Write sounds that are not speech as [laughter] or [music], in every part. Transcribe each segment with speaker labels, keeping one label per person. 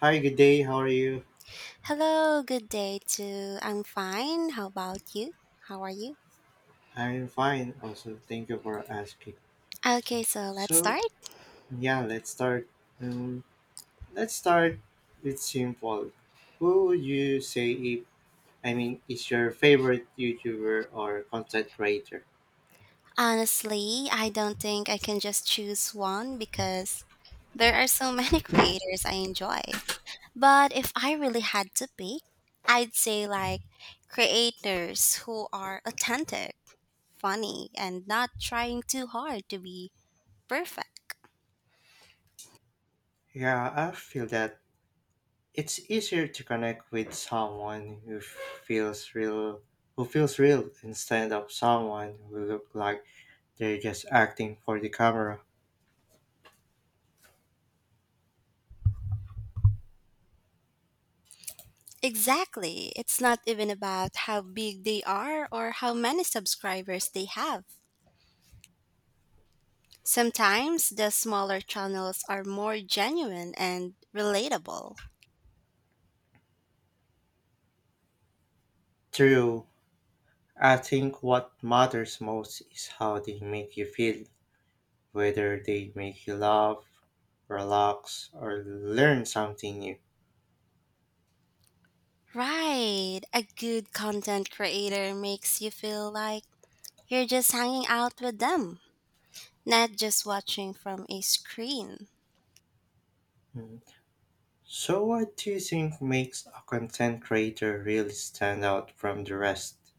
Speaker 1: Hi, good day. How are you?
Speaker 2: Hello, good day to I'm fine. How about you? How are you?
Speaker 1: I'm fine. Also, thank you for asking.
Speaker 2: Okay, so let's
Speaker 1: So,
Speaker 2: start.
Speaker 1: yeah, let's start. Um, let's start with simple. Who would you say if I mean is your favorite YouTuber or content creator?
Speaker 2: Honestly, I don't think I can just choose one because there are so many [laughs] creators I enjoy. But if I really had to pick, I'd say creators who are authentic, funny, and not trying too hard to be perfect.
Speaker 1: Yeah, I feel that it's easier to connect with someone who feels real, instead of someone who look like they're just acting for the camera.
Speaker 2: Exactly. It's not even about how big they are or how many subscribers they have. Sometimes the smaller channels are more genuine and relatable.
Speaker 1: True, I think what matters most is how they make you feel, whether they make you laugh, relax, or learn something new.
Speaker 2: Right. A good content creator makes you feel like you're just hanging out with them, not just watching from a screen.
Speaker 1: Mm. So, what do you think makes a content creator really stand out from the rest?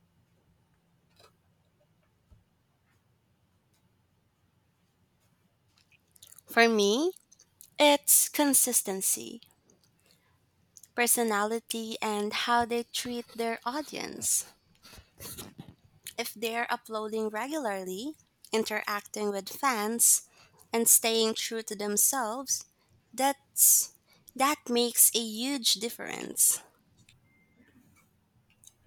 Speaker 2: For me, it's consistency, personality, and how they treat their audience. If they're uploading regularly, interacting with fans, and staying true to themselves, that's that makes a huge difference.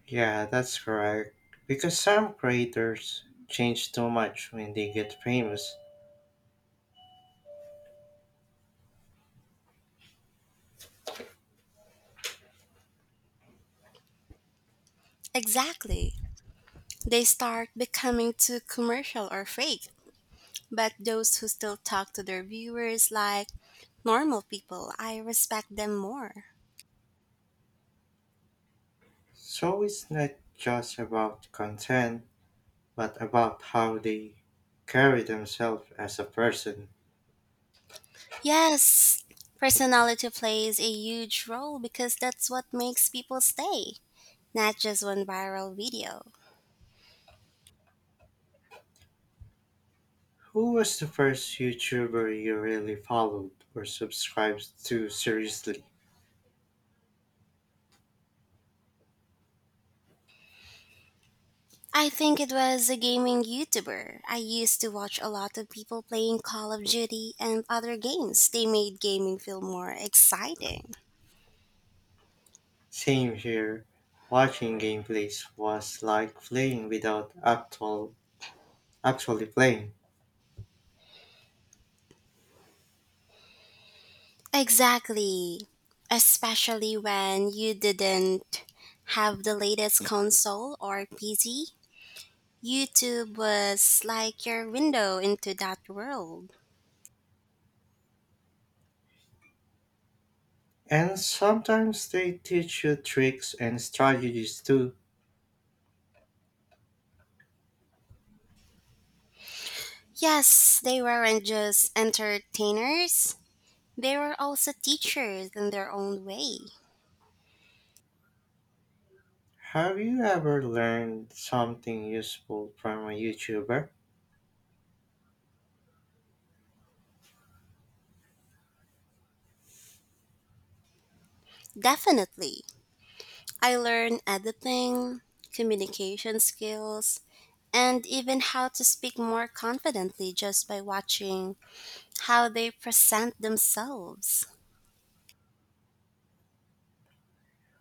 Speaker 1: Yeah, that's correct. Because some creators change too much when they get famous.
Speaker 2: Exactly. They start becoming too commercial or fake. But those who still talk to their viewers like normal people, I respect them more.
Speaker 1: So it's not just about content, but about how they carry themselves as a person.
Speaker 2: Yes, personality plays a huge role because that's what makes people stay, not just one viral video.
Speaker 1: Who was the first YouTuber you really followed or subscribed to seriously?
Speaker 2: I think it was a gaming YouTuber. I used to watch a lot of people playing Call of Duty and other games. They made gaming feel more exciting.
Speaker 1: Same here. Watching gameplays was like playing without actually playing.
Speaker 2: Exactly. Especially when you didn't have the latest console or PC. YouTube was like your window into that world.
Speaker 1: And sometimes they teach you tricks and strategies too.
Speaker 2: Yes, they weren't just entertainers, they were also teachers in their own way.
Speaker 1: Have you ever learned something useful from a YouTuber?
Speaker 2: Definitely. I learned editing, communication skills, and even how to speak more confidently just by watching how they present themselves.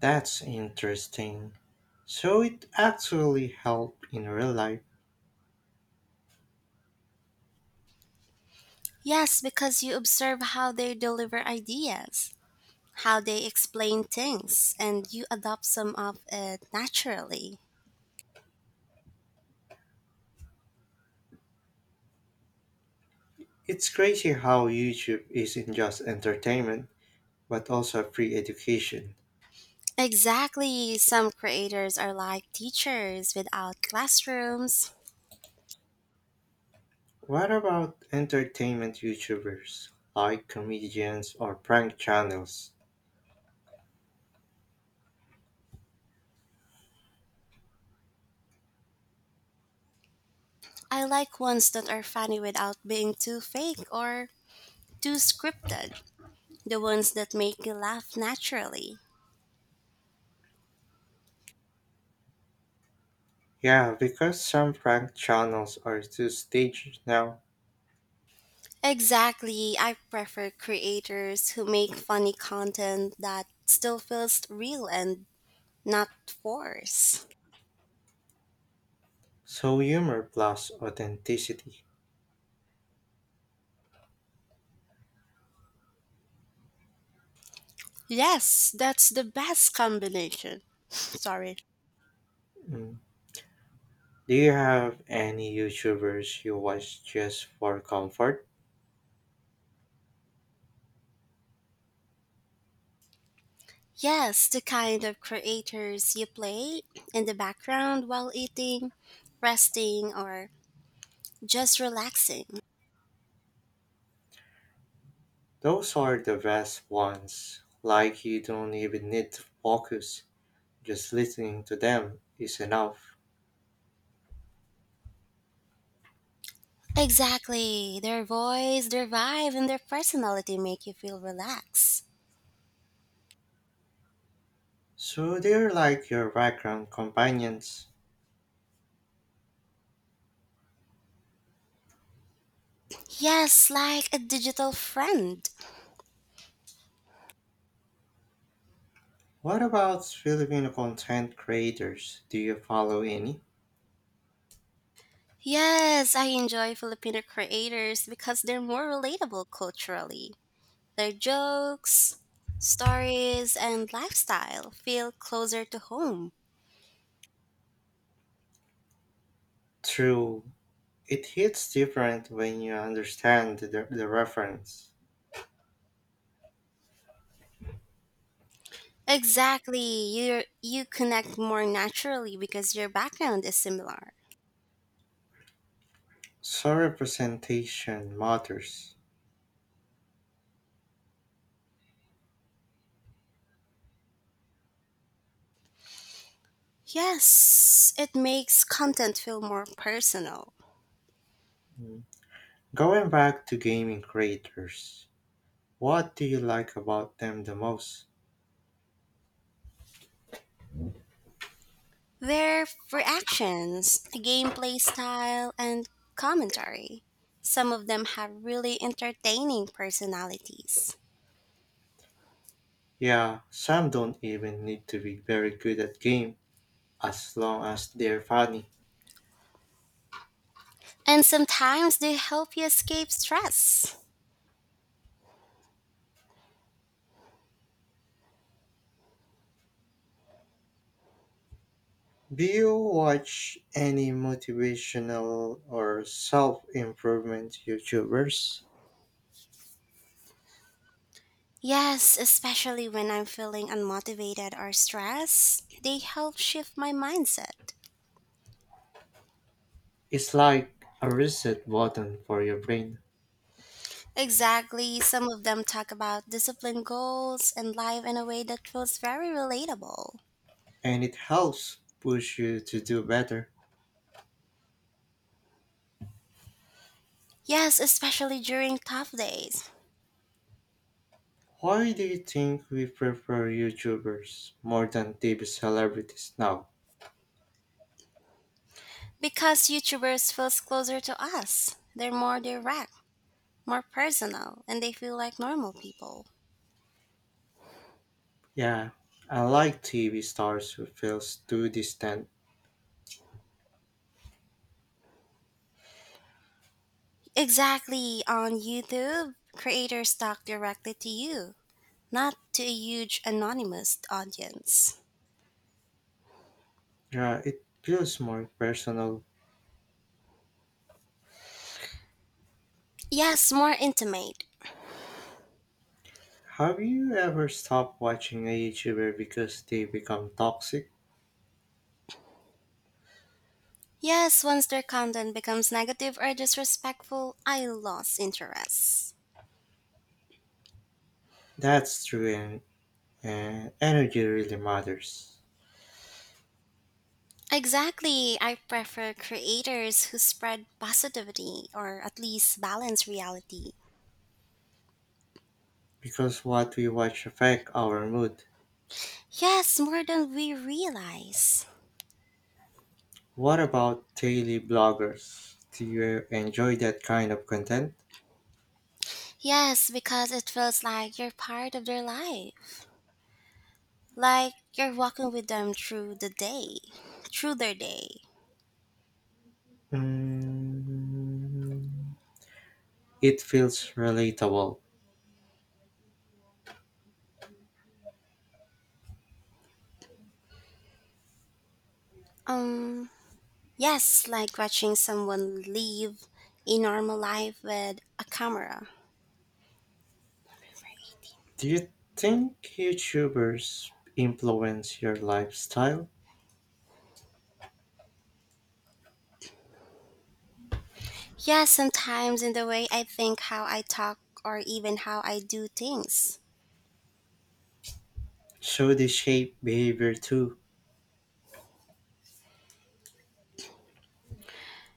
Speaker 1: That's interesting. So it actually helped in real life.
Speaker 2: Yes, because you observe how they deliver ideas, how they explain things, and you adopt some of it naturally.
Speaker 1: It's crazy how YouTube isn't just entertainment, but also free education.
Speaker 2: Exactly. Some creators are like teachers without classrooms.
Speaker 1: What about entertainment YouTubers like comedians or prank channels?
Speaker 2: I like ones that are funny without being too fake or too scripted. The ones that make you laugh naturally.
Speaker 1: Yeah, because some prank channels are too staged now,
Speaker 2: Exactly. I prefer creators who make funny content that still feels real and not forced.
Speaker 1: so humor plus authenticity.
Speaker 2: Yes, that's the best combination. [sniffs] Sorry.
Speaker 1: Mm. Do you have any YouTubers you watch just for comfort?
Speaker 2: Yes, the kind of creators you play in the background while eating, resting, or just relaxing.
Speaker 1: Those are the best ones. Like you don't even need to focus, just listening to them is enough.
Speaker 2: Exactly. Their voice, their vibe, and their personality make you feel relaxed.
Speaker 1: So they're like your background companions.
Speaker 2: Yes, like a digital friend.
Speaker 1: What about Filipino content creators? Do you follow any?
Speaker 2: Yes, I enjoy Filipino creators because they're more relatable culturally. Their jokes, stories, and lifestyle feel closer to home.
Speaker 1: True, it hits different when you understand the reference.
Speaker 2: Exactly. You connect more naturally because your background is similar.
Speaker 1: So representation matters.
Speaker 2: Yes, it makes content feel more personal.
Speaker 1: Mm. Going back to gaming creators, what do you like about them the most?
Speaker 2: Their reactions, gameplay style, and commentary. Some of them have really entertaining personalities.
Speaker 1: Yeah, some don't even need to be very good at game as long as they're funny.
Speaker 2: And sometimes they help you escape stress.
Speaker 1: Do you watch any motivational or self improvement YouTubers?
Speaker 2: Yes, especially when I'm feeling unmotivated or stressed, they help shift my mindset.
Speaker 1: It's like a reset button for your brain,
Speaker 2: Exactly, some of them talk about discipline goals and life in a way that feels very relatable.
Speaker 1: and it helps push you to do better.
Speaker 2: Yes, especially during tough days.
Speaker 1: Why do you think we prefer YouTubers more than TV celebrities now?
Speaker 2: Because YouTubers feels closer to us. They're more direct, more personal, and they feel like normal people.
Speaker 1: Yeah, I like TV stars who feels too distant.
Speaker 2: Exactly. On YouTube, creators talk directly to you, not to a huge anonymous audience.
Speaker 1: Yeah, it feels more personal.
Speaker 2: Yes, more intimate.
Speaker 1: Have you ever stopped watching a YouTuber because they become toxic?
Speaker 2: Yes, once their content becomes negative or disrespectful, I lose interest.
Speaker 1: That's true, and energy really matters
Speaker 2: Exactly. I prefer creators who spread positivity or at least balance reality.
Speaker 1: because what we watch affect our mood.
Speaker 2: Yes, more than we realize.
Speaker 1: What about daily bloggers? Do you enjoy that kind of content?
Speaker 2: Yes, because it feels like you're part of their life. Like you're walking with them through the day, through their day.
Speaker 1: Mm, it feels relatable.
Speaker 2: Um, yes, like watching someone live a normal life with a camera.
Speaker 1: Do you think YouTubers influence your lifestyle?
Speaker 2: Yes, sometimes in the way I think, how I talk, or even how I do things.
Speaker 1: So they shape behavior too,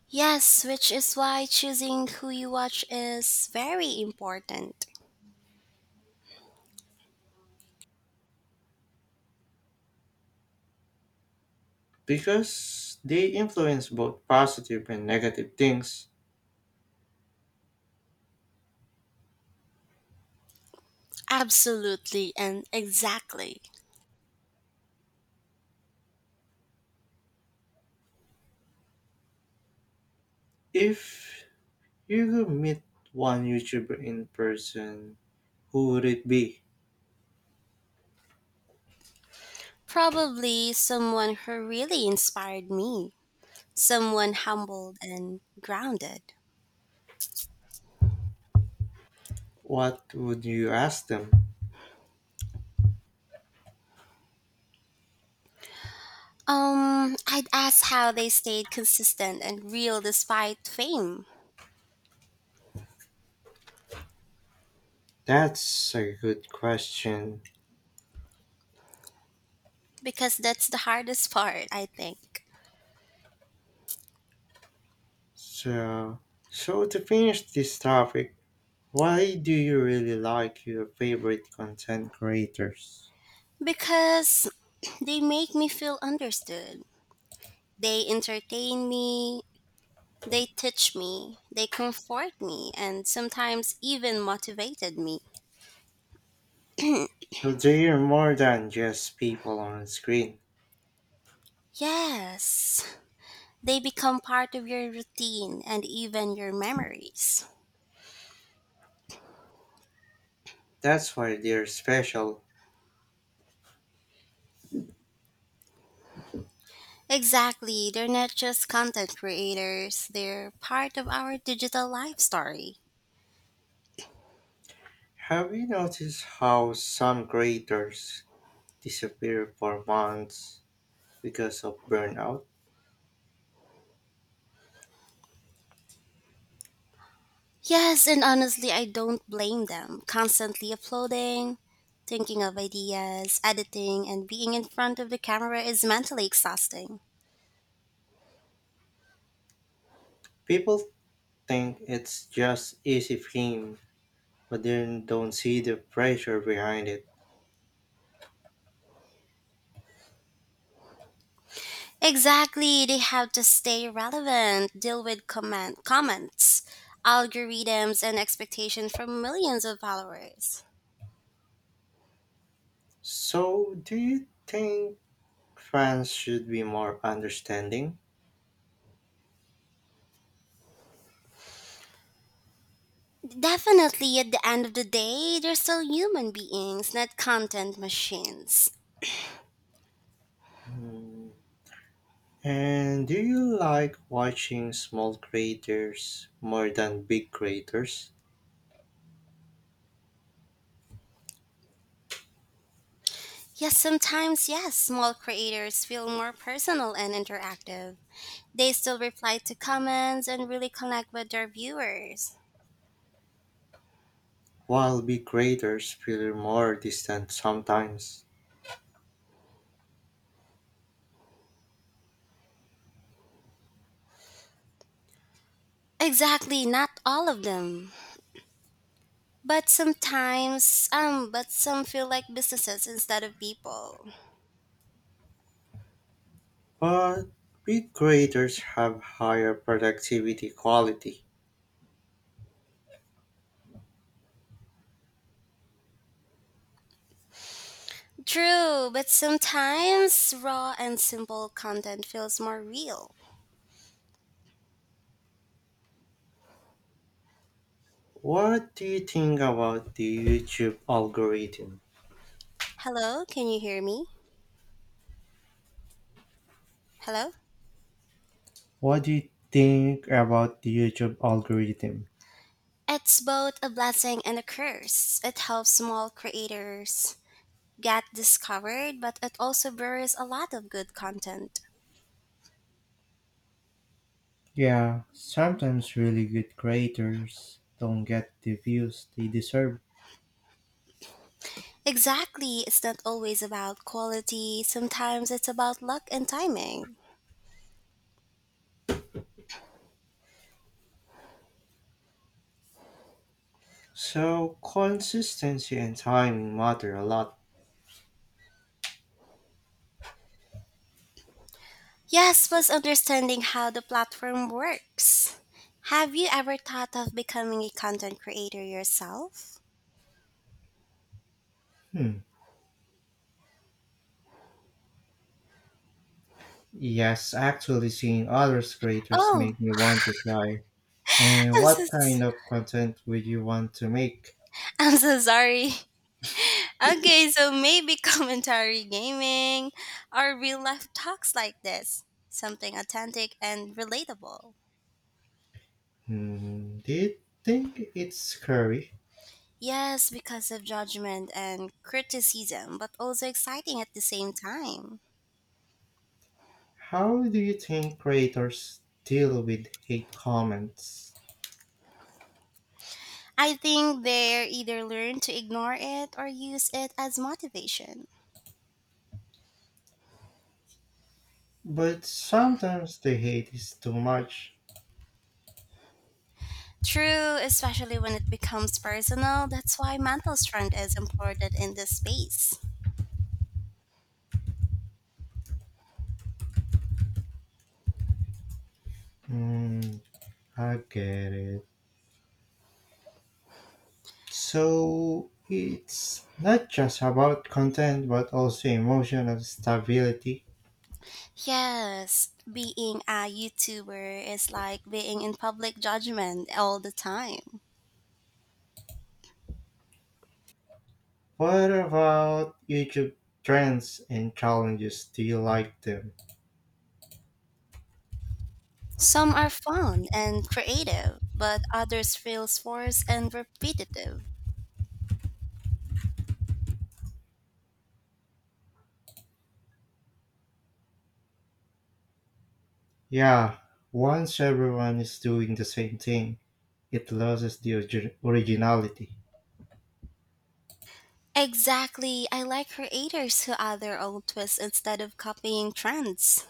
Speaker 2: Yes, which is why choosing who you watch is very important.
Speaker 1: because they influence both positive and negative things.
Speaker 2: Absolutely and exactly.
Speaker 1: If you could meet one YouTuber in person, who would it be?
Speaker 2: Probably someone who really inspired me, someone humbled and grounded.
Speaker 1: What would you ask them?
Speaker 2: I'd ask how they stayed consistent and real despite fame,
Speaker 1: That's a good question.
Speaker 2: because that's the hardest [laughs] part, I think.
Speaker 1: So, so to finish this topic, why do you really like your favorite content creators?
Speaker 2: Because they make me feel understood. They entertain me, they teach me, they comfort me, and sometimes even motivated me.
Speaker 1: So they are more than just people on screen.
Speaker 2: Yes, they become part of your routine and even your memories.
Speaker 1: That's why they're special.
Speaker 2: Exactly. They're not just content creators, they're part of our digital life story.
Speaker 1: Have you noticed how some creators disappear for months because of burnout?
Speaker 2: Yes, and honestly, I don't blame them. Constantly uploading, thinking of ideas, editing, and being in front of the camera is mentally exhausting.
Speaker 1: People think it's just easy fame, but then don't see the pressure behind it.
Speaker 2: Exactly. They have to stay relevant, deal with comments, algorithms, and expectations from millions of followers.
Speaker 1: So, do you think fans should be more understanding?
Speaker 2: Definitely, at the end of the day, they're still human beings, not content machines.
Speaker 1: Mm. And do you like watching small creators more than big creators?
Speaker 2: Yes, sometimes, yes, small creators feel more personal and interactive. They still reply to comments and really connect with their viewers.
Speaker 1: While big creators feel more distant sometimes,
Speaker 2: Exactly, not all of them. But sometimes, but some feel like businesses instead of people.
Speaker 1: but big creators have higher productivity quality.
Speaker 2: True, but sometimes raw and simple content feels more real.
Speaker 1: What do you think about the YouTube algorithm?
Speaker 2: Hello, can you hear me? Hello?
Speaker 1: What do you think about the YouTube algorithm?
Speaker 2: It's both a blessing and a curse. It helps small creators get discovered, but it also buries a lot of good content.
Speaker 1: Yeah, sometimes really good creators don't get the views they deserve.
Speaker 2: Exactly, it's not always about quality, sometimes it's about luck and timing.
Speaker 1: So consistency and timing matter a lot.
Speaker 2: Yes, plus understanding how the platform works. Have you ever thought of becoming a content creator yourself?
Speaker 1: Hmm. Yes, actually seeing others creators
Speaker 2: Oh,
Speaker 1: make me want to try.
Speaker 2: [laughs]
Speaker 1: And
Speaker 2: I'm
Speaker 1: what
Speaker 2: so,
Speaker 1: kind of content would you want to make?
Speaker 2: I'm so sorry. Okay, so maybe [laughs] commentary gaming or real life talks like this. Something authentic and relatable.
Speaker 1: Hmm, do you think it's scary?
Speaker 2: Yes, because of judgment and criticism, but also exciting at the same time.
Speaker 1: How do you think creators deal with hate comments?
Speaker 2: I think they either learn to ignore it or use it as motivation.
Speaker 1: But sometimes the hate is too much.
Speaker 2: True, especially when it becomes personal, that's why mental strength is important in this space.
Speaker 1: Hmm, I get it. So it's not just about content but also emotional stability.
Speaker 2: Yes, being a YouTuber is like being in public judgment all the time.
Speaker 1: What about YouTube trends and challenges? Do you like them?
Speaker 2: Some are fun and creative, but others feel forced and repetitive.
Speaker 1: Yeah, once everyone is doing the same thing, it loses the originality.
Speaker 2: Exactly, I like creators who add their own twists instead of copying trends.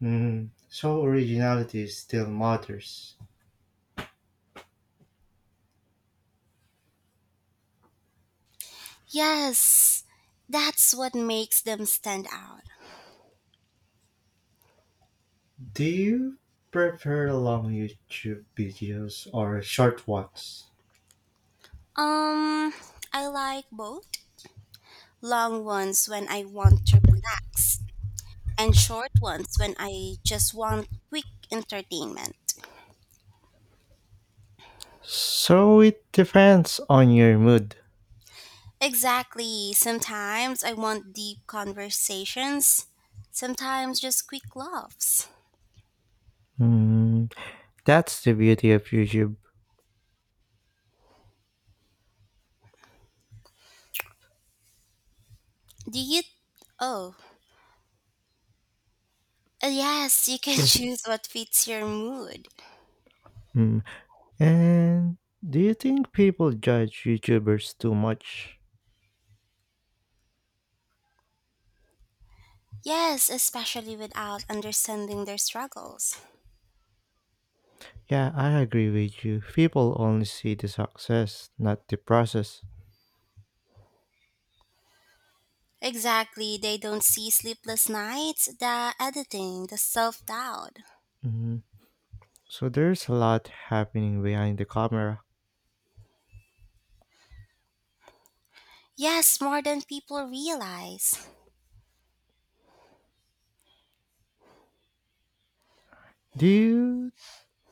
Speaker 1: Hmm. So originality still matters.
Speaker 2: Yes, that's what makes them stand out.
Speaker 1: Do you prefer long YouTube videos or short ones?
Speaker 2: Um, I like both long ones when I want to relax and short ones when I just want quick entertainment.
Speaker 1: So it depends on your mood.
Speaker 2: Exactly. Sometimes I want deep conversations, sometimes just quick laughs.
Speaker 1: Mm, that's the beauty of YouTube.
Speaker 2: Do you? Oh, yes, you can [laughs]
Speaker 1: Yes.
Speaker 2: choose what fits your mood.
Speaker 1: Mm. And do you think people judge YouTubers too much?
Speaker 2: Yes, especially without understanding their struggles.
Speaker 1: Yeah, I agree with you. People only see the success, not the process.
Speaker 2: Exactly, they don't see sleepless nights, the editing, the self doubt.
Speaker 1: Mm. So there's a lot happening behind the camera.
Speaker 2: Yes, more than people realize.
Speaker 1: Do you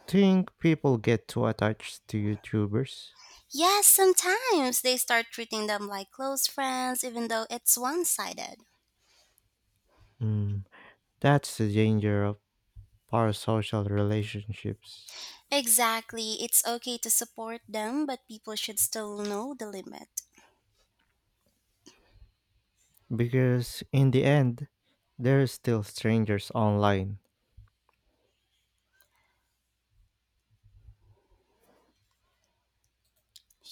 Speaker 1: think people get too attached to YouTubers?
Speaker 2: Yes, sometimes they start treating them like close friends, even though it's one sided.
Speaker 1: Mm. That's the danger of parasocial relationships.
Speaker 2: Exactly, it's okay to support them, but people should still know the limit.
Speaker 1: Because in the end, there are still strangers online.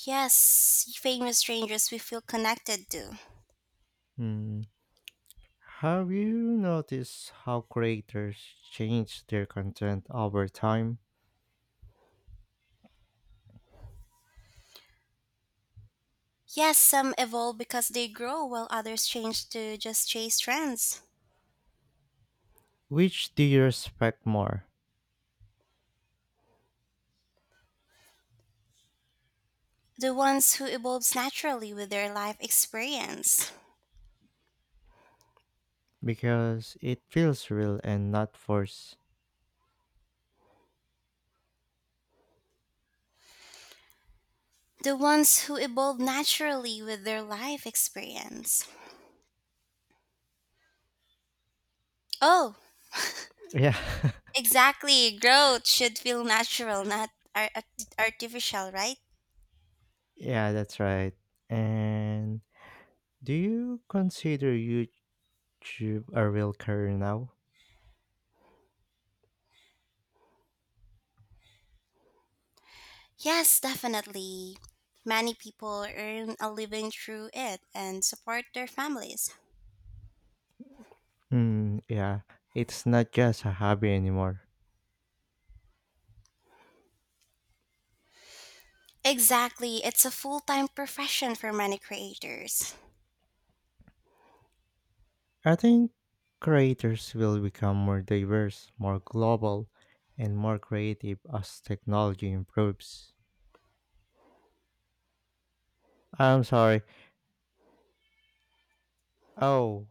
Speaker 2: Yes, famous strangers we feel connected to.
Speaker 1: Hmm. Have you noticed how creators change their content over time?
Speaker 2: Yes, some evolve because they grow, while others change to just chase trends.
Speaker 1: Which do you respect more?
Speaker 2: The ones who evolve naturally with their life experience.
Speaker 1: Because it feels real and not forced.
Speaker 2: The ones who evolve naturally with their life experience. Oh,
Speaker 1: Yeah, [laughs]
Speaker 2: exactly. Growth should feel natural, not artificial, right?
Speaker 1: yeah, that's right. And do you consider YouTube a real career now?
Speaker 2: Yes, definitely. Many people earn a living through it and support their families.
Speaker 1: Hmm, yeah, it's not just a hobby anymore.
Speaker 2: Exactly. It's a full time profession for many creators.
Speaker 1: I think creators will become more diverse, more global, and more creative as technology improves. I'm sorry. Oh,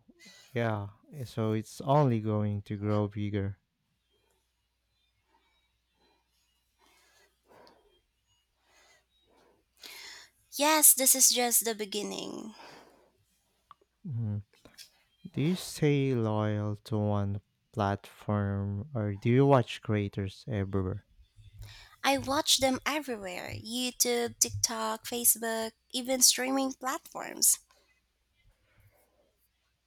Speaker 1: yeah. So it's only going to grow bigger.
Speaker 2: Yes, this is just the beginning.
Speaker 1: Mhm. Do you stay loyal to one platform or do you watch creators everywhere?
Speaker 2: I watch them everywhere YouTube, TikTok, Facebook, even streaming platforms.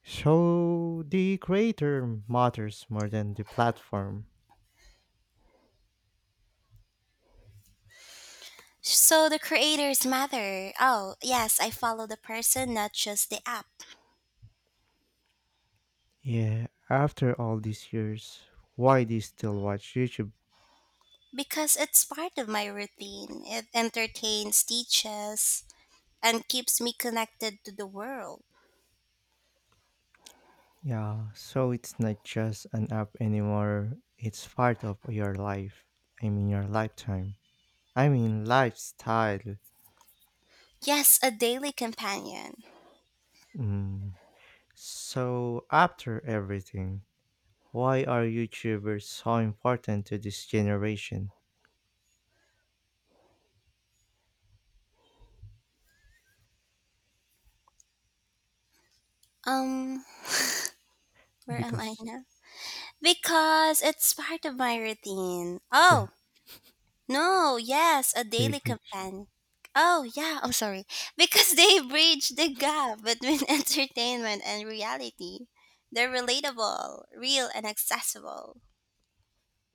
Speaker 1: So the creator matters more than the platform.
Speaker 2: So the creators matter. Oh, yes, I follow the person, not just the app.
Speaker 1: Yeah, after all these years, why do you still watch YouTube?
Speaker 2: Because it's part of my routine. It entertains, teaches, and keeps me connected to the world.
Speaker 1: Yeah, so it's not just an app anymore. It's part of your life. I mean, your lifetime. I mean, lifestyle.
Speaker 2: Yes, a daily companion.
Speaker 1: Mm. So, after everything, why are YouTubers so important to this generation?
Speaker 2: Um, where am I
Speaker 1: Because
Speaker 2: now? Because it's part of my routine.
Speaker 1: the,
Speaker 2: Oh, no, yes, a
Speaker 1: they
Speaker 2: daily
Speaker 1: bridge.
Speaker 2: companion. Oh, yeah, I'm sorry. [laughs] Because they bridge the gap between [laughs] entertainment and reality. They're relatable, real, and accessible.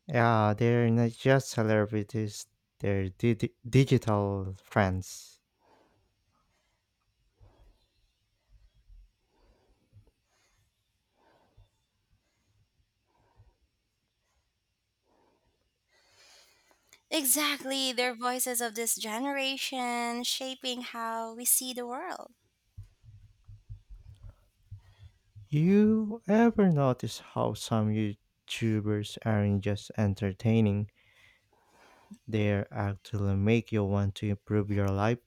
Speaker 1: Yeah, they're not just celebrities, they're digital friends.
Speaker 2: Exactly, they're voices of this generation shaping how we see the world.
Speaker 1: You ever notice how some YouTubers aren't just entertaining? They actually make you want to improve your life.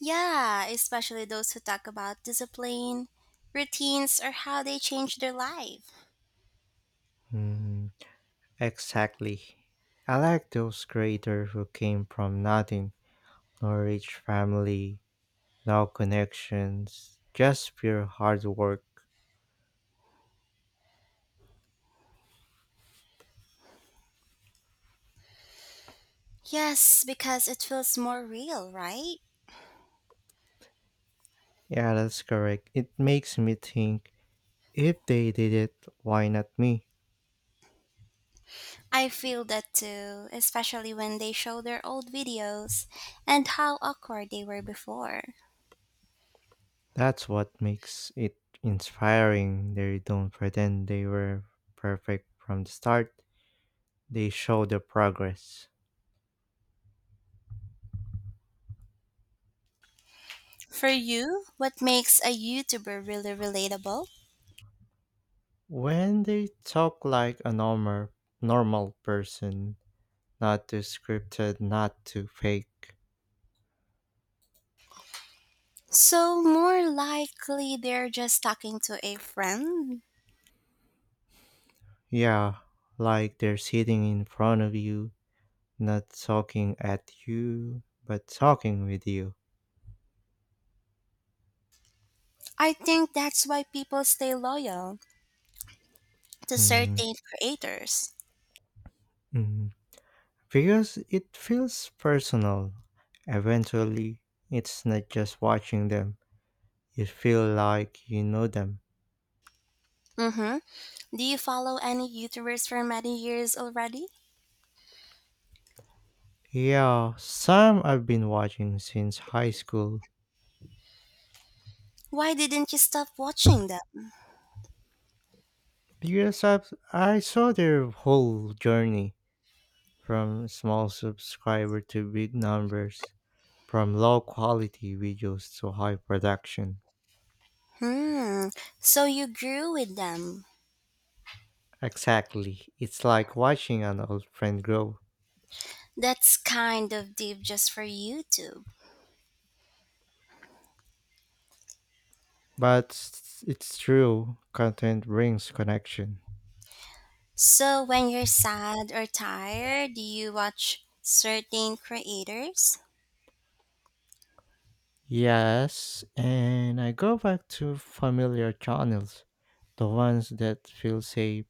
Speaker 2: Yeah, especially those who talk about discipline, routines, or how they change their life.
Speaker 1: Mm, exactly. I like those creators who came from nothing, no rich family, no connections, just pure hard work.
Speaker 2: Yes, because it feels more real, right?
Speaker 1: Yeah, that's correct. It makes me think if they did it, why not me?
Speaker 2: I feel that too, especially when they show their old videos and how awkward they were before.
Speaker 1: That's what makes it inspiring. They don't pretend they were perfect from the start, they show the progress.
Speaker 2: For you, what makes a YouTuber really relatable?
Speaker 1: When they talk like a normal person, not too scripted, not too fake.
Speaker 2: So, more likely they're just talking to a friend.
Speaker 1: Yeah, like they're sitting in front of you, not talking at you, but talking with you.
Speaker 2: I think that's why people stay loyal to
Speaker 1: Hmm.
Speaker 2: certain creators.
Speaker 1: Mm. Because it feels personal. Eventually, it's not just watching them. You feel like you know them.
Speaker 2: Mm-hmm. Do you follow any YouTubers for many years already?
Speaker 1: Yeah, some I've been watching since high school.
Speaker 2: Why didn't you stop watching them?
Speaker 1: Because I saw their whole journey from small subscriber to big numbers, from low quality videos to high production.
Speaker 2: Hmm. So you grew with them.
Speaker 1: Exactly. It's like watching an old friend grow.
Speaker 2: That's kind of deep just for YouTube.
Speaker 1: But it's true, content brings connection.
Speaker 2: So when you're sad or tired, do you watch certain creators?
Speaker 1: Yes, and I go back to familiar channels, the ones that feel safe.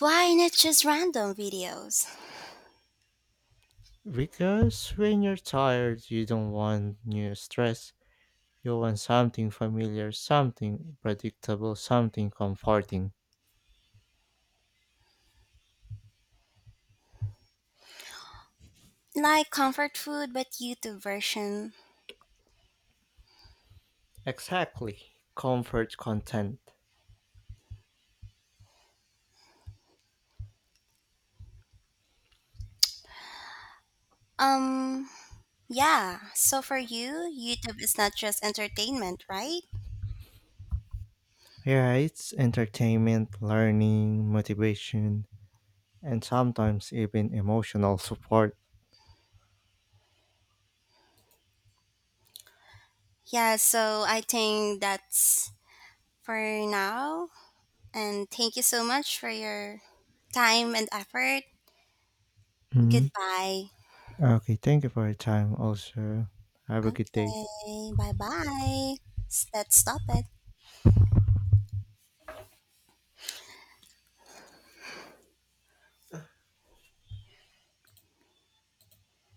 Speaker 2: Why not just random videos?
Speaker 1: Because when you're tired, you don't want new stress. You want something familiar, something predictable, something comforting.
Speaker 2: Like comfort food but YouTube version.
Speaker 1: Exactly. Comfort content.
Speaker 2: Um Yeah, so for you, YouTube is not just entertainment, right?
Speaker 1: Yeah, it's entertainment, learning, motivation, and sometimes even emotional support.
Speaker 2: Yeah, so I think that's for now. And thank you so much for your time and effort.
Speaker 1: Hmm.
Speaker 2: Goodbye.
Speaker 1: Okay, thank you for your time also. Have a good day.
Speaker 2: Okay, bye bye. Let's stop it.